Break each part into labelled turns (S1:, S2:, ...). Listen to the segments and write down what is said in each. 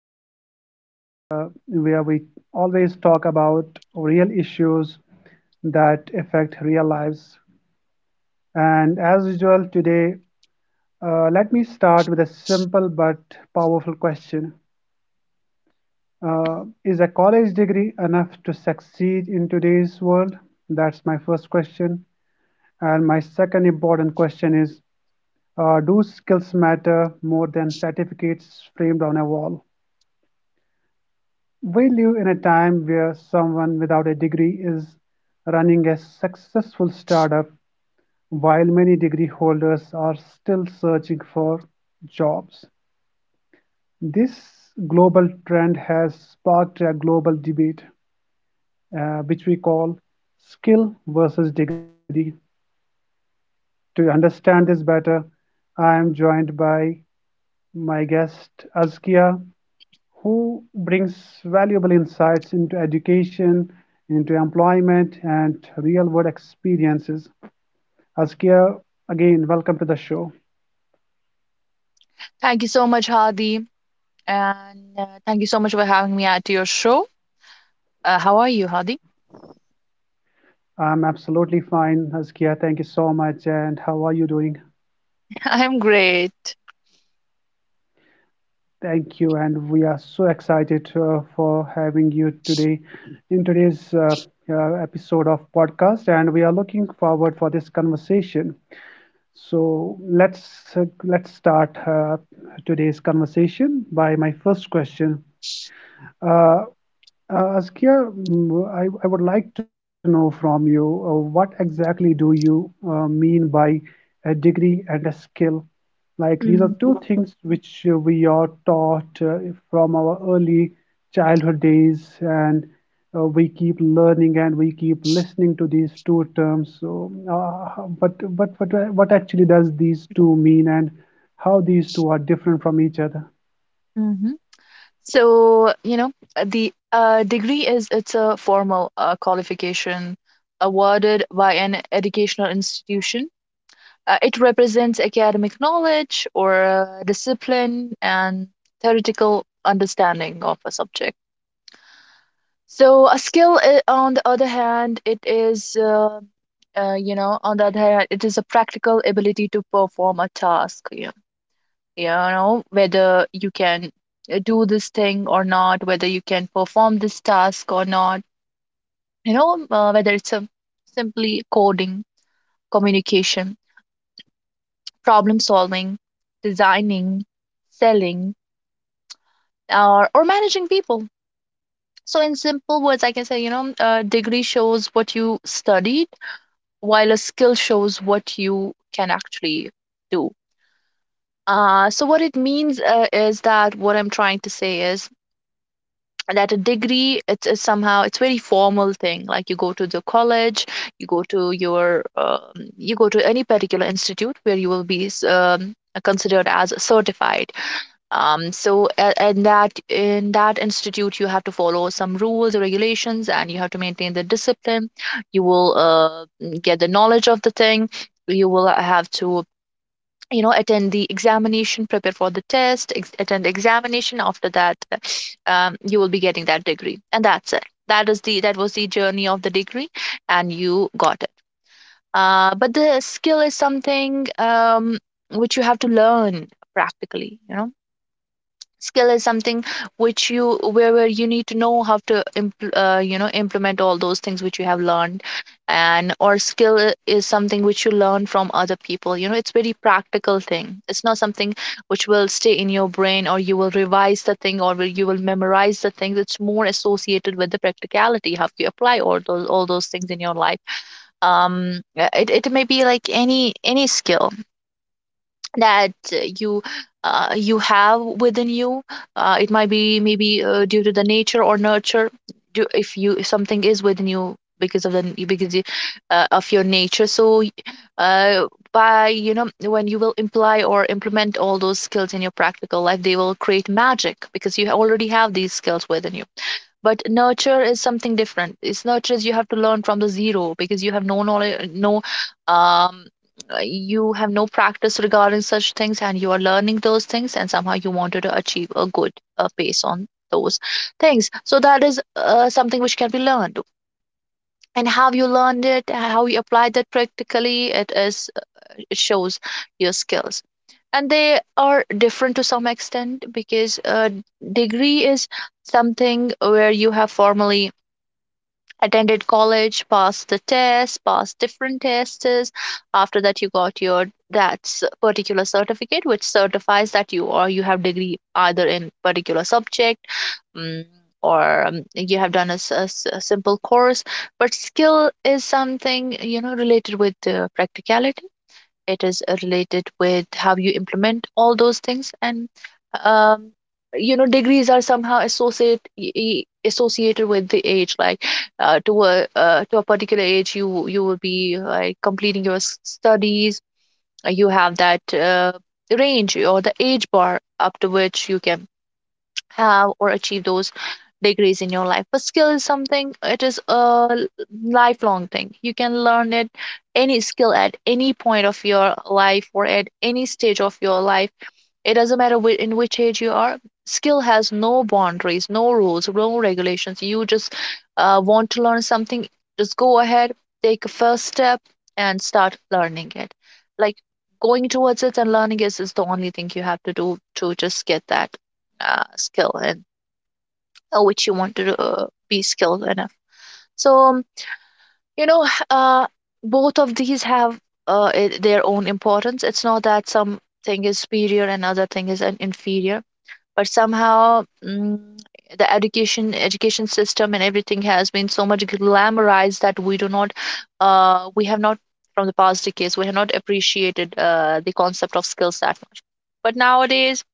S1: our podcast, where we always talk about real issues that affect real lives. And as usual, today, let me start with a simple but powerful question. Is a college degree enough to succeed in today's world? That's my first question. And my second important question is, do skills matter more than certificates framed on a wall? We live in a time where someone without a degree is running a successful startup while many degree holders are still searching for jobs. This global trend has sparked a global debate, which we call skill versus degree. To understand this better, I am joined by my guest Azkia, who brings valuable insights into education, into employment, and real world experiences. Askia, again, welcome to the show.
S2: Thank you so much, Hadi. And Thank you so much for having me at your show. How are you, Hadi?
S1: I'm absolutely fine, Askia. Thank you so much. And how are you doing?
S2: I'm great.
S1: Thank you. And we are so excited for having you today in today's episode of podcast. And we are looking forward for this conversation. So let's start, today's conversation by my first question. Uh, Askia, I would like to know from you what exactly do you mean by a degree and a skill? Like these are two
S2: Mm-hmm.
S1: things which we are taught from our early childhood days, and we keep learning and we keep listening to these two terms. So, but what actually does these two mean, and how these two are different from each other?
S2: So, you know, the degree is it's a formal qualification awarded by an educational institution. It represents academic knowledge or discipline and theoretical understanding of a subject. On the other hand, it is, you know, on the other hand, it is a practical ability to perform a task. You know, whether you can do this thing or not, whether you can perform this task or not. Whether it's a simply coding, communication, problem solving, designing, selling, or managing people. So in simple words, I can say, degree shows what you studied, while a skill shows what you can actually do. So what it means is that what I'm trying to say is that a degree it's somehow it's very formal thing. Like you go to the college, you go to your um, you go to any particular institute where you will be considered as certified. And that in that institute, you have to follow some rules or regulations, and you have to maintain the discipline. You will get the knowledge of the thing. You will have to, you know, attend the examination, prepare for the test, attend the examination. After that, you will be getting that degree, and that's it. That was the journey of the degree, and you got it. But the skill is something, which you have to learn practically, you know. Skill is something which you, where you need to know how to you know, implement all those things which you have learned. And or, skill is something which you learn from other people. You know, it's very practical thing. It's not something which will stay in your brain, or you will revise the thing, you will memorize the thing. It's more associated with the practicality, how you apply all those things in your life. It may be like any skill that you have within you. It might be maybe due to the nature or nurture. If you, if something is within you because of of your nature, so y- by you know when you will imply or implement all those skills in your practical life, they will create magic, because you already have these skills within you. But nurture is something different. It's Nurture is, you have to learn from the zero, because you have no knowledge, no um uh, you have no practice regarding such things, and you are learning those things, and somehow you wanted to achieve a good pace on those things. So that is something which can be learned. And how you learned it, how you applied that practically, it is, it shows your skills. And they are different to some extent, because a degree is something where you have formally attended college, passed the test, passed different tests. After that, you got your particular certificate, which certifies that you, or you have degree either in particular subject, mm or you have done a simple course. But skill is something, you know, related with practicality. It is related with how you implement all those things. And um, you know, degrees are somehow associated with the age. Like to a particular age, you will be like completing your studies. You have that range or the age bar up to which you can have or achieve those degrees in your life. But skill is something, it is a lifelong thing. You can learn it, any skill at any point of your life or at any stage of your life. It doesn't matter in which age you are. Skill has no boundaries, no rules, no regulations. You just want to learn something, just go ahead, take a first step, and start learning it. Like going towards it and learning it is the only thing you have to do to just get that skill and which you want to be skilled enough. So, you know, h- uh, both of these have their own importance. It's not that some thing is superior and other thing is an inferior, but somehow the education system and everything has been so much glamorized that we do not, we have not, from the past decades, we have not appreciated the concept of skills that much. But nowadays,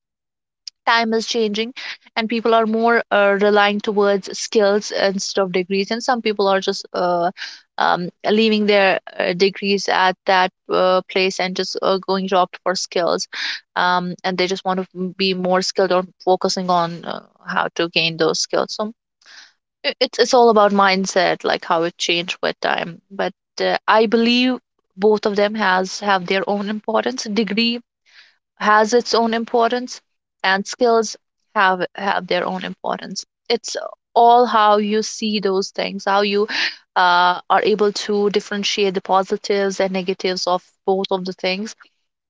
S2: time is changing, and people are more relying towards skills instead of degrees. And some people are just leaving their degrees at that place and just going to opt for skills, and they just want to be more skilled or focusing on how to gain those skills. So it's all about mindset, like how it changed with time. But I believe both of them has have their own importance. Degree has its own importance, and skills have their own importance. It's all how you see those things, how you are able to differentiate the positives and negatives of both of the things.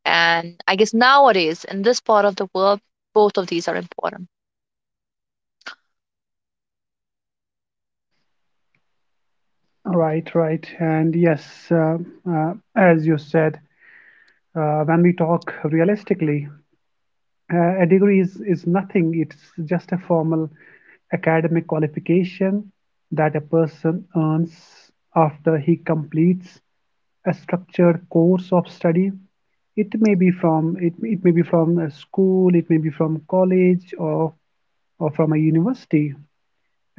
S2: And I guess nowadays, in this part of the world, both of these are important.
S1: Right, right. And yes, uh, as you said, when we talk realistically, a degree is nothing. It's just a formal academic qualification that a person earns after he completes a structured course of study. It may be from it may be from a school, it may be from college or from a university.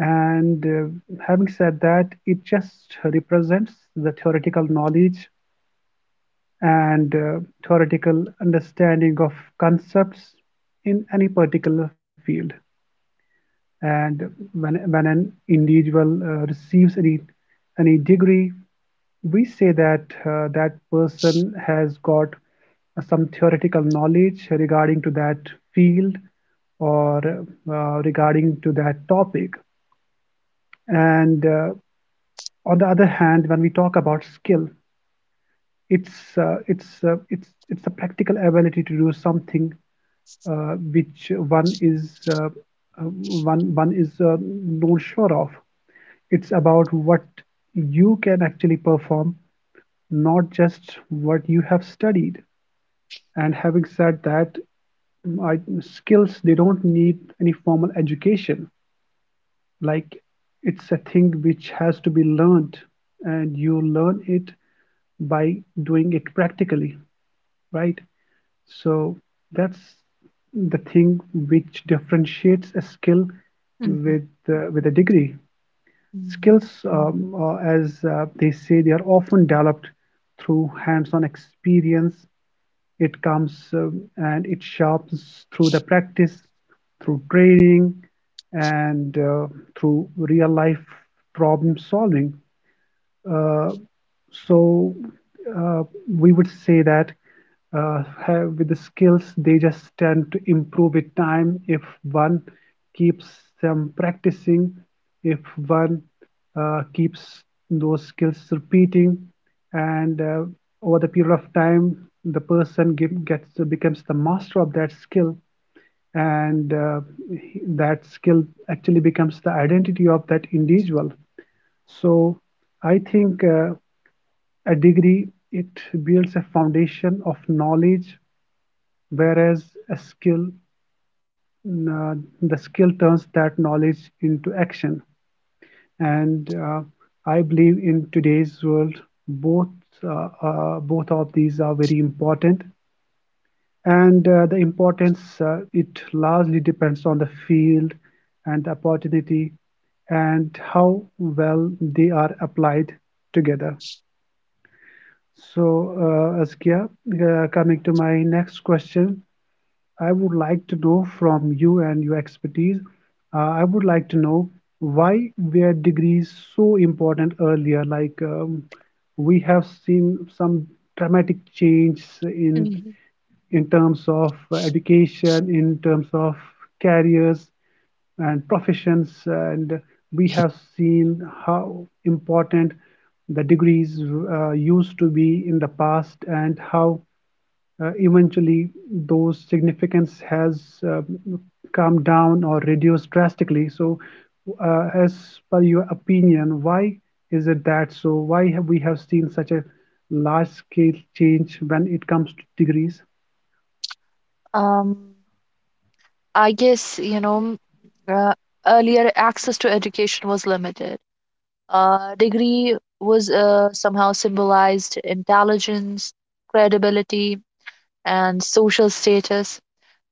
S1: And having said that, it just represents the theoretical knowledge and theoretical understanding of concepts in any particular field. And when an individual receives any degree, we say that that person has got some theoretical knowledge regarding to that field or regarding to that topic and on the other hand, when we talk about skill, it's it's it's the practical ability to do something which one is one is not sure of. It's about what you can actually perform, not just what you have studied. And having said that, skills they don't need any formal education, like it's a thing which has to be learned and you learn it by doing it practically, right? So that's the thing which differentiates a skill
S2: Mhm.
S1: with a degree.
S2: Mhm.
S1: Skills, as they say, they are often developed through hands-on experience. It comes and it sharpens through the practice, through training, and through real life problem solving. Uh, so uh, we would say that with the skills, they just tend to improve with time if one keeps them practicing, if one keeps those skills repeating, and over the period of time, the person give, gets becomes the master of that skill, and that skill actually becomes the identity of that individual. So I think. A degree, it builds a foundation of knowledge, whereas a skill, uh, the skill turns that knowledge into action. And I believe in today's world, both both of these are very important. And the importance, it largely depends on the field and the opportunity and how well they are applied together. So, Askia, coming to my next question, I would like to know from you and your expertise, I would like to know why were degrees so important earlier? Like, we have seen some dramatic change
S2: Mhm.
S1: in terms of education, in terms of careers and professions. And we have seen how important the degrees used to be in the past and how eventually those significance has come down or reduced drastically. So, as per your opinion, why is it that so? Why have we have seen such a large scale change when it comes to degrees?
S2: Um, I guess, uh, earlier access to education was limited. Degree was somehow symbolized intelligence, credibility, and social status.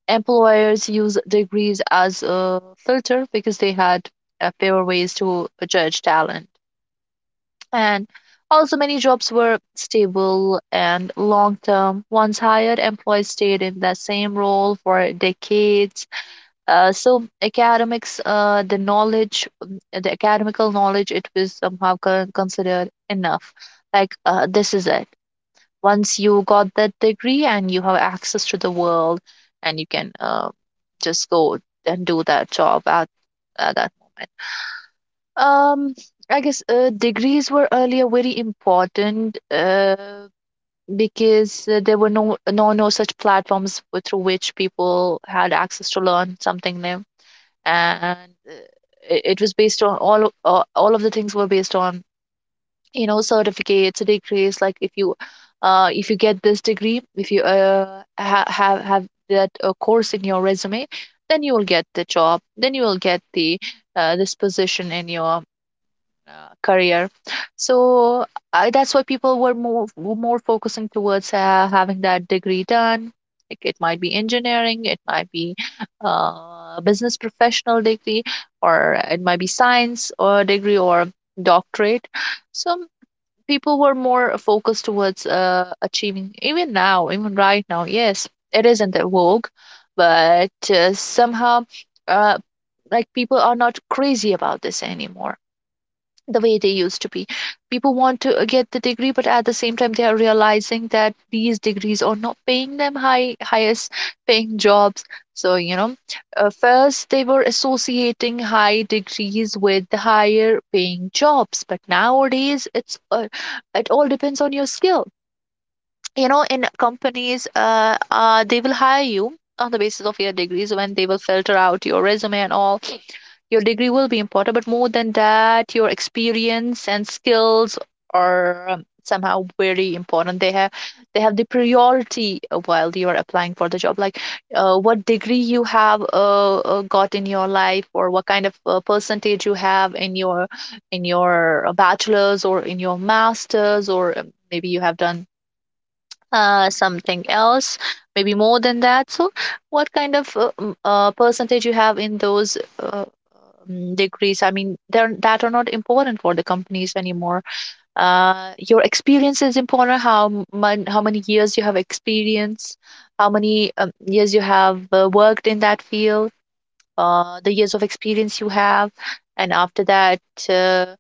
S2: Employers use degrees as a filter because they had fewer ways to judge talent. And also, many jobs were stable and long term. Once hired, employees stayed in the same role for decades. So academics, the knowledge, the academical knowledge, it was somehow considered enough. Like this is it. Once you got that degree, and you have access to the world, and you can just go and do that job at that moment. Um, I guess degrees were earlier very important, because there were no such platforms through which people had access to learn something new. And it was based on all of the things were based on, you know, certificates, degrees. Like if you get this degree, if you have that course in your resume, then you will get the job, then you will get the this position in your career. So that's why people were more focusing towards having that degree done. Like it might be engineering, it might be business professional degree, or it might be science or degree or doctorate. So people were more focused towards achieving. Even now, even right now, yes, it isn't a vogue, but somehow. Uh, like people are not crazy about this anymore the way they used to be. People want to get the degree, but at the same time, they are realizing that these degrees are not paying them highest paying jobs. So, first they were associating high degrees with the higher paying jobs, but nowadays it all depends on your skill. You know, in companies, they will hire you on the basis of your degrees. When they will filter out your resume and all, your degree will be important, but more than that, your experience and skills are somehow very important. They have the priority while you are applying for the job. Like what degree you have got in your life, or what kind of percentage you have in your, in your bachelor's or in your master's, or maybe you have done something else, maybe more than that. So what kind of percentage you have in those degrees, I mean, they're that are not important for the companies anymore. Your experience is important. How how many years you have experience, how many years you have worked in that field, the years of experience you have. And after that, uh,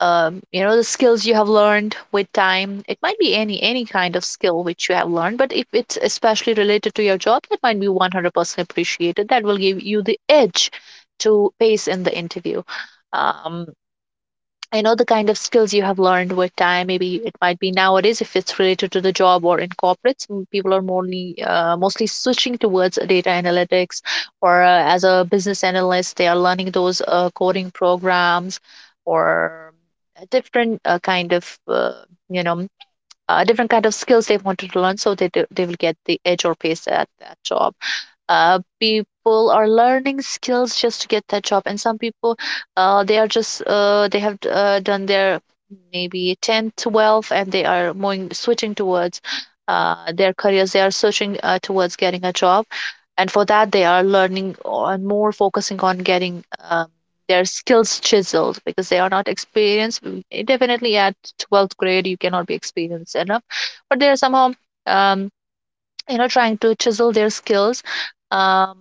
S2: you know, the skills you have learned with time. It might be any kind of skill which you have learned, but if it's especially related to your job, that might be 100% appreciated. That will give you the edge to pace in the interview. Um, I know the kind of skills you have learned with time. Maybe it might be nowadays if it's related to the job or in corporates, people are mostly switching towards data analytics, or as a business analyst, they are learning those coding programs, or a different kind of you know different kind of skills they wanted to learn, so they will get the edge or pace at that job. People are learning skills just to get that job, and some people they are just they have done their maybe 10, 12, and they are moving switching towards their careers, they are searching towards getting a job, and for that they are learning on more focusing on getting um, their skills chiseled because they are not experienced. Definitely at 12th grade you cannot be experienced enough, but they are somehow um, trying to chisel their skills, um,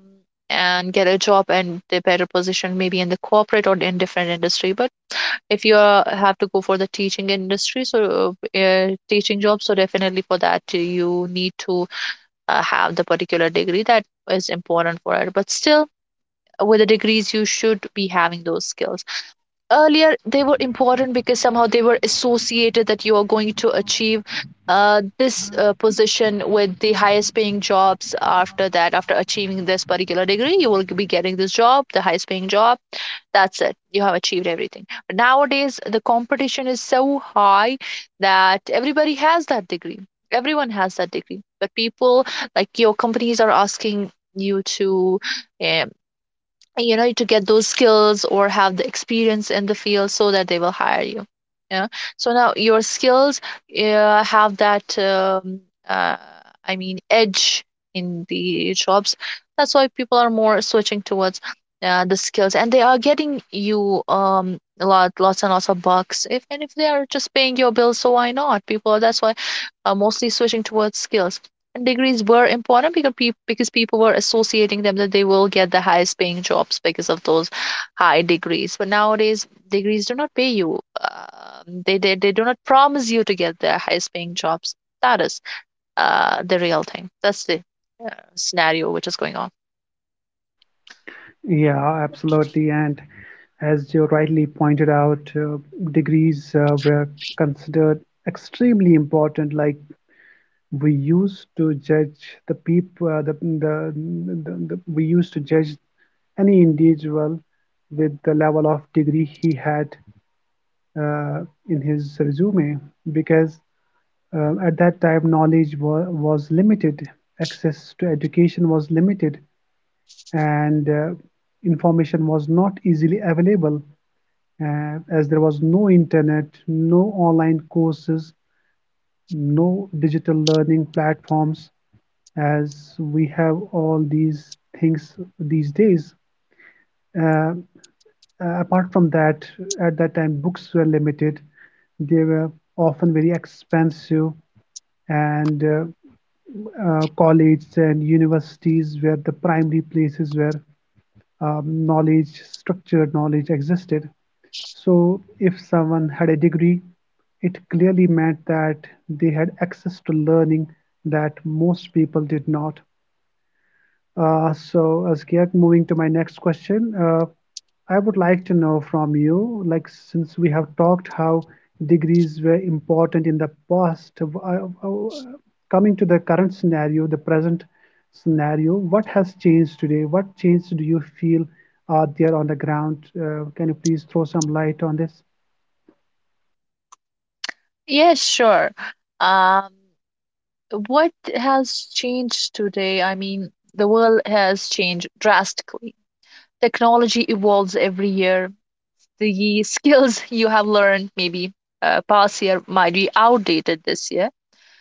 S2: and get a job and they better position maybe in the corporate or in different industry. But if have to go for the teaching industry, so teaching job, so definitely for that you need to have the particular degree that is important for it. But still, with the degrees you should be having those skills. Earlier they were important because somehow they were associated that you are going to achieve this position with the highest paying jobs. After that, after achieving this particular degree, you will be getting this job, the highest paying job. That's it, you have achieved everything. But nowadays the competition is so high that everybody has that degree. Everyone has that degree, but people, like your companies are asking you to, uh, to get those skills or have the experience in the field so that they will hire you. Yeah. So now your skills have that, uh, I mean, edge in the jobs. That's why people are more switching towards the skills, and they are getting you, a lot, lots and lots of bucks, if and if they are just paying your bills, so why not? People, that's why, are mostly switching towards skills. Degrees were important because people, because people were associating them that they will get the highest paying jobs because of those high degrees. But nowadays degrees do not pay you. They do not promise you to get the highest paying jobs. That is the real thing. That's the uh, scenario which is going on.
S1: Yeah, absolutely. And as you rightly pointed out, degrees were considered extremely important. Like we used to judge the people, the we used to judge any individual with the level of degree he had uh, in his resume because at that time knowledge was limited, access to education was limited, and information was not easily available as there was no internet, no online courses, no digital learning platforms as we have all these things these days. Uh, apart from that, at that time, books were limited. They were often very expensive, and colleges and universities were the primary places where, knowledge, structured knowledge existed. So, if someone had a degree, it clearly meant that they had access to learning that most people did not. So, Askia, moving to my next question, I would like to know from you, like since we have talked how degrees were important in the past, coming to the current scenario, the present scenario, what has changed today? What changes do you feel are there on the ground? Can you please throw some light on this?
S2: Yes, sure. um what has changed today? I mean, the world has changed drastically. Technology evolves every year. The skills you have learned maybe past year might be outdated this year.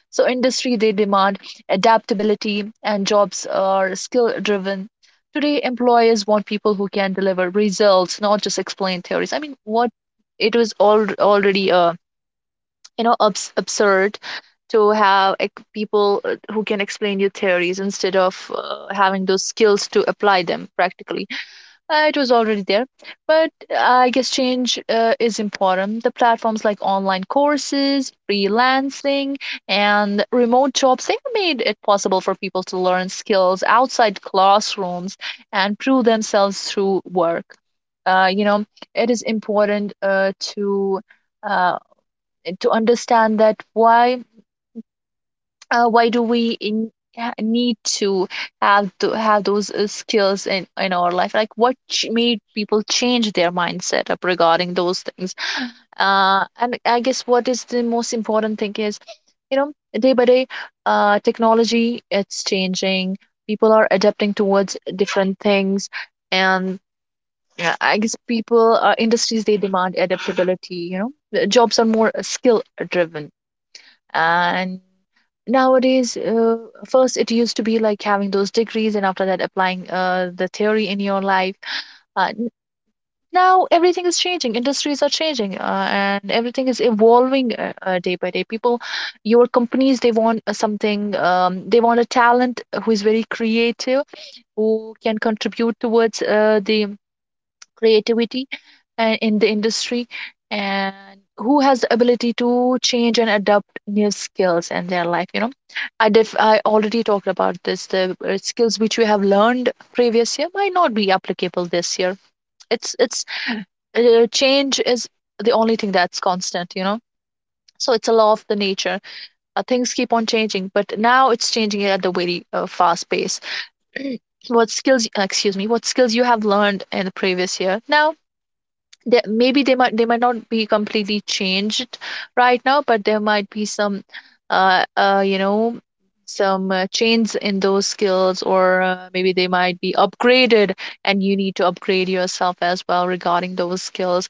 S2: So industry, they demand adaptability, and jobs are skill driven. Today employers want people who can deliver results, not just explain theories. I mean, what, it was all already absurd to have, like, people who can explain your theories instead of having those skills to apply them practically. It was already there, but I guess change is important. The platforms like online courses, freelancing, and remote jobs, they made it possible for people to learn skills outside classrooms and prove themselves through work. Uh, you know, it is important to uh, understand that why why do we need to have those skills in our life, like what made people change their mindset up regarding those things. And I guess what is the most important thing is, you know, day by day, technology, it's changing. People are adapting towards different things. And yeah, I guess people, industries, they demand adaptability. The jobs are more skill driven. And nowadays, first it used to be like having those degrees and after that applying the theory in your life. uh, Now everything is changing, industries are changing, and everything is evolving day by day. People, your companies, they want something, they want a talent who is very creative, who can contribute towards the creativity in the industry, and who has the ability to change and adapt new skills in their life. I already talked about this. The skills which we have learned previous year might not be applicable this year. It's Change is the only thing that's constant, you know. So it's a law of the nature. Things keep on changing, but now it's changing at the very fast pace. What skills, excuse me, what skills you have learned in the previous year now, maybe they might not be completely changed right now, but there might be some uh, uh you know change in those skills, or maybe they might be upgraded. And you need to upgrade yourself as well regarding those skills.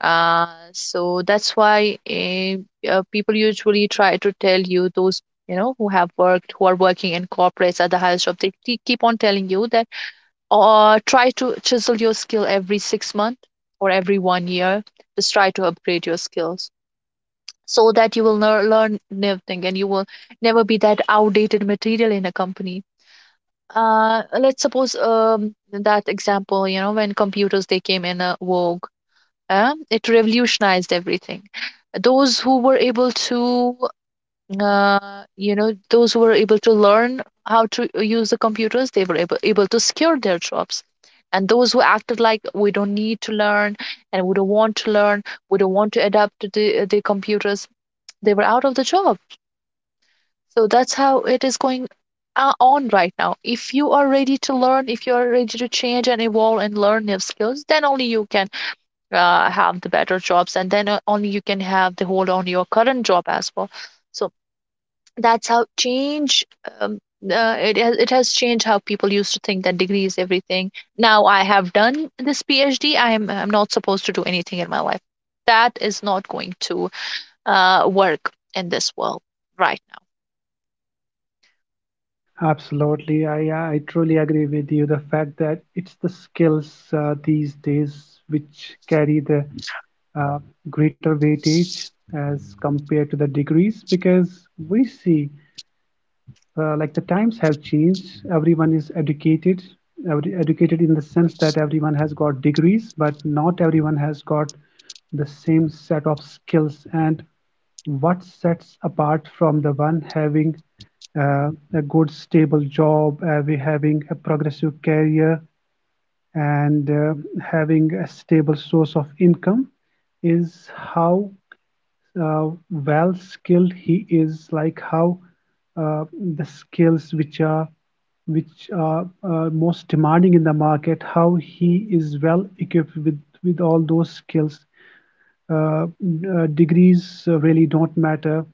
S2: uh so that's why, people usually try to tell you those, you know, who have worked, who are working in corporates at the highest job, they keep on telling you that, or try to chisel your skill every 6 months or every one year. Just try to upgrade your skills so that you will learn new thing and you will never be that outdated material in a company. Let's suppose, that example, you know, when computers they came in a vogue, it revolutionized everything. Those who were able to, those who were able to learn how to use the computers, they were able to secure their jobs. And those who acted like we don't need to learn, and we don't want to learn, we don't want to adapt to the computers, they were out of the job. So that's how it is going on right now. If you are ready to learn, if you are ready to change and evolve and learn new skills, then only you can have the better jobs. And then only you can have the hold on your current job as well. So that's how change, um, it has changed how people used to think that degree is everything. Now I have done this PhD, I'm not supposed to do anything in my life. That is not going to work in this world. Right.
S1: Absolutely, I truly agree with you. The fact that it's the skills these days which carry the uh, greater weightage as compared to the degrees, because we see like the times have changed, everyone is educated, every, educated in the sense that everyone has got degrees but not everyone has got the same set of skills, and what sets apart from the one having uh, a good stable job we having a progressive career and having a stable source of income is how well skilled he is, like how uh, the skills which are which are most demanding in the market, how he is well equipped with all those skills. Degrees really don't matter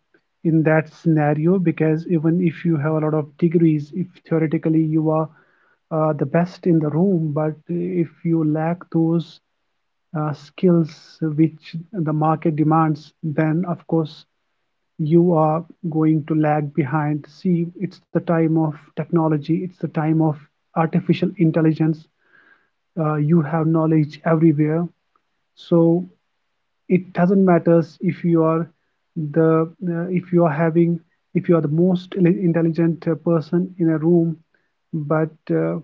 S1: in that scenario because even if you have a lot of degrees, if theoretically you are the best in the room, but if you lack those skills which the market demands, then of course you are going to lag behind. See, it's the time of technology, it's the time of artificial intelligence. You have knowledge everywhere. So it doesn't matter if you are the if you are having if you are the most intelligent person in a room but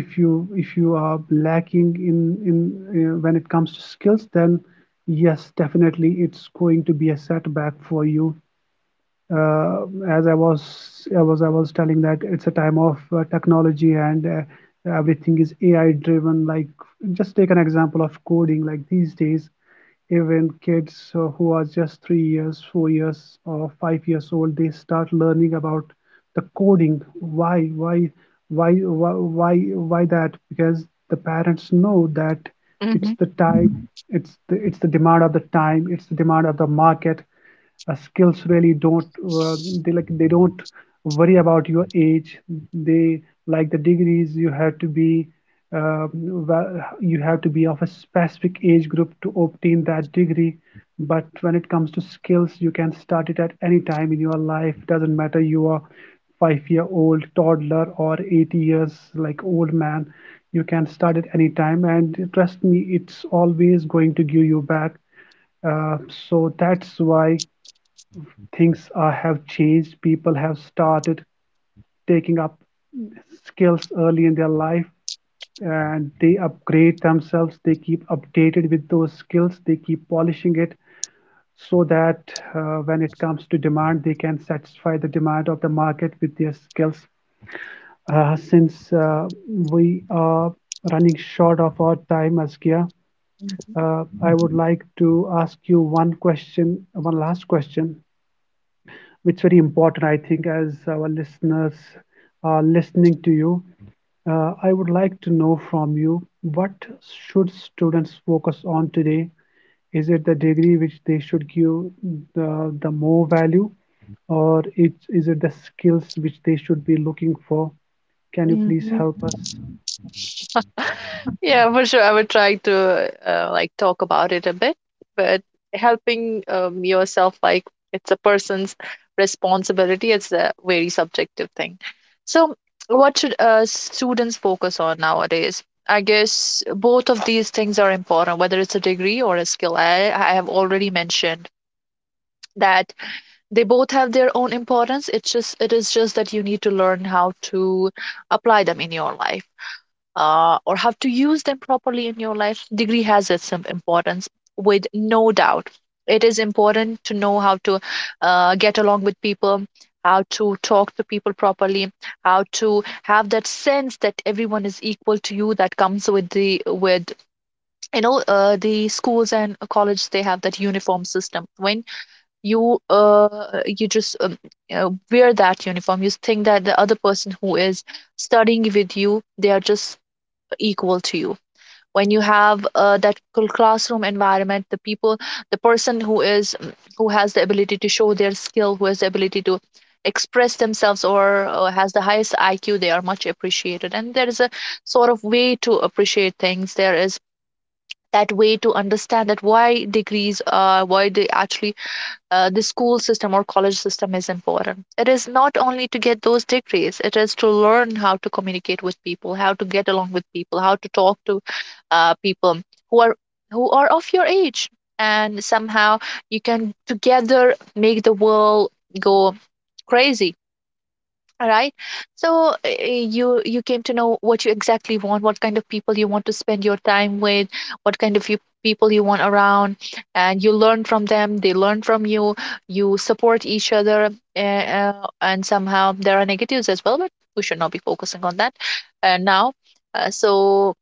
S1: if you are lacking in when it comes to skills, then yes, definitely it's going to be a setback for you. As I was I was telling that it's a time of technology and everything is AI driven. Like just take an example of coding. Like these days, even kids who are just 3 years, 4 years, or 5 years old, they start learning about the coding. Why? Why? Why? Why? Why that? Because the parents know that it's
S2: Now.
S1: the time. It's the demand of the time. It's the demand of the market. Skills really don't they don't worry about your age. they the degrees, you have to be, um, well, you have to be of a specific age group to obtain that degree. But when it comes to skills, you can start it at any time in your life. Doesn't matter, you are 5 year old toddler or 80 years like old man, you can start at any time and trust me, it's always going to give you back. uh, so that's why things are have changed. People have started taking up skills early in their life and they upgrade themselves. They keep updated with those skills. They keep polishing it so that, when it comes to demand, they can satisfy the demand of the market with their skills. Since we are running short of our time, Askia, I would like to ask you one question, one last question. It's very important, I think, as our listeners are listening to you. I would like to know from you, what should students focus on today? Is it the degree which they should give the more value, or it's, it the skills which they should be looking for? Can you please
S2: Mm-hmm.
S1: help us?
S2: Yeah, for sure. I would try to like talk about it a bit, but helping, yourself, like, it's a person's responsibility. It's a very subjective thing. So, what should students focus on nowadays? I guess both of these things are important, whether it's a degree or a skill. I have already mentioned that they both have their own importance. It's just, it is just that you need to learn how to apply them in your life, or have to use them properly in your life. Degree has its importance, with no doubt. It is important to know how to get along with people, how to talk to people properly, how to have that sense that everyone is equal to you. That comes with the, with, you know, the schools and colleges. They have that uniform system. When you just wear that uniform, you think that the other person who is studying with you, they are just equal to you. When you have that classroom environment, the people, the person who is, who has the ability to show their skill, who has the ability to express themselves, or has the highest IQ, they are much appreciated. And there is a sort of way to appreciate things. There is that way to understand that why degrees are, why they actually, the school system or college system is important. It is not only to get those degrees, it is to learn how to communicate with people, how to get along with people, how to talk to people who are, who are of your age, and somehow you can together make the world go crazy. All right. So, you came to know what you exactly want, what kind of people you want to spend your time with, what kind of you people you want around. And you learn from them, they learn from you, you support each other. uh, and somehow there are negatives as well, but we should not be focusing on that. Now, so,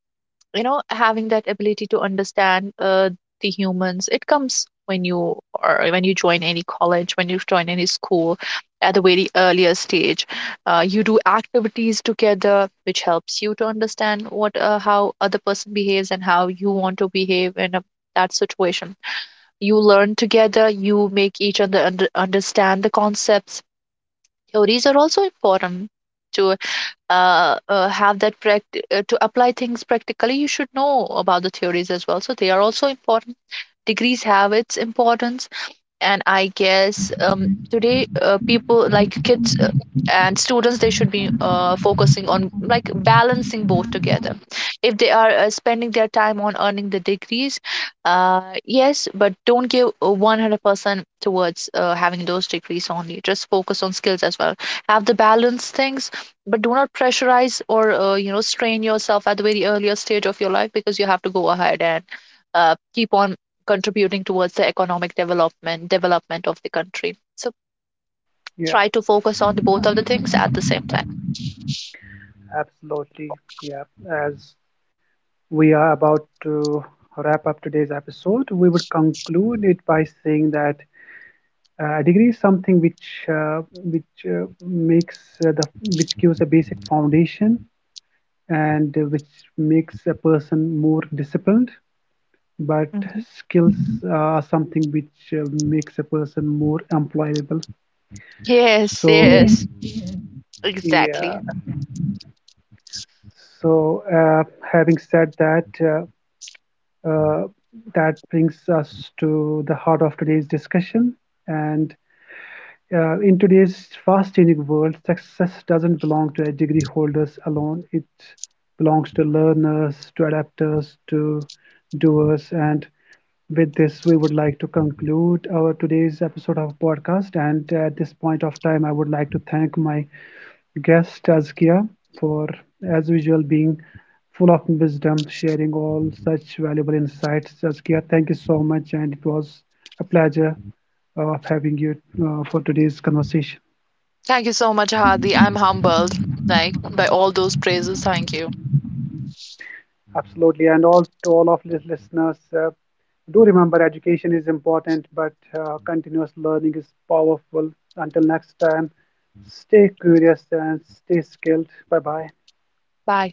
S2: you know, having that ability to understand the humans, it comes when you, or when you join any college, when you join any school at a very earlier stage. You do activities together which helps you to understand what, how other person behaves and how you want to behave in a, that situation. You learn together, you make each other understand the concepts. Theories are also important to have that to apply things practically. You should know about the theories as well, so they are also important. Degrees have its importance. And I guess today, people like kids, and students, they should be focusing on, like, balancing both together. If they are spending their time on earning the degrees, yes, but don't give 100% towards having those degrees only, just focus on skills as well. Have the balance things. But do not pressurize or strain yourself at the very earlier stage of your life, because you have to go ahead and keep on contributing towards the economic development of the country. So
S1: Yeah,
S2: try to focus on the both of the things at the same time.
S1: absolutely. Yeah, as we are about to wrap up today's episode, we would conclude it by saying that degree is something which makes the which gives a basic foundation and which makes a person more disciplined. But
S2: Mhm.
S1: skills are something which makes a person more employable.
S2: Yes,
S1: So
S2: yes,
S1: yeah. Yeah.
S2: exactly.
S1: So having said that, uh, that brings us to the heart of today's discussion and in today's fast changing world, success doesn't belong to degree holders alone. It belongs to learners, to adapters, to doers. And with this, we would like to conclude our today's episode of podcast. And at this point of time, I would like to thank my guest Azkia for, as usual, being full of wisdom, sharing all such valuable insights. Azkia, thank you so much, and it was a pleasure of having you for today's conversation.
S2: Thank you so much, Hadi. I'm humbled, like, by all those praises. Thank you.
S1: Absolutely. And all of the listeners, do remember education is important, but continuous learning is powerful. Until next time, stay curious and stay skilled. Bye bye.
S2: Bye.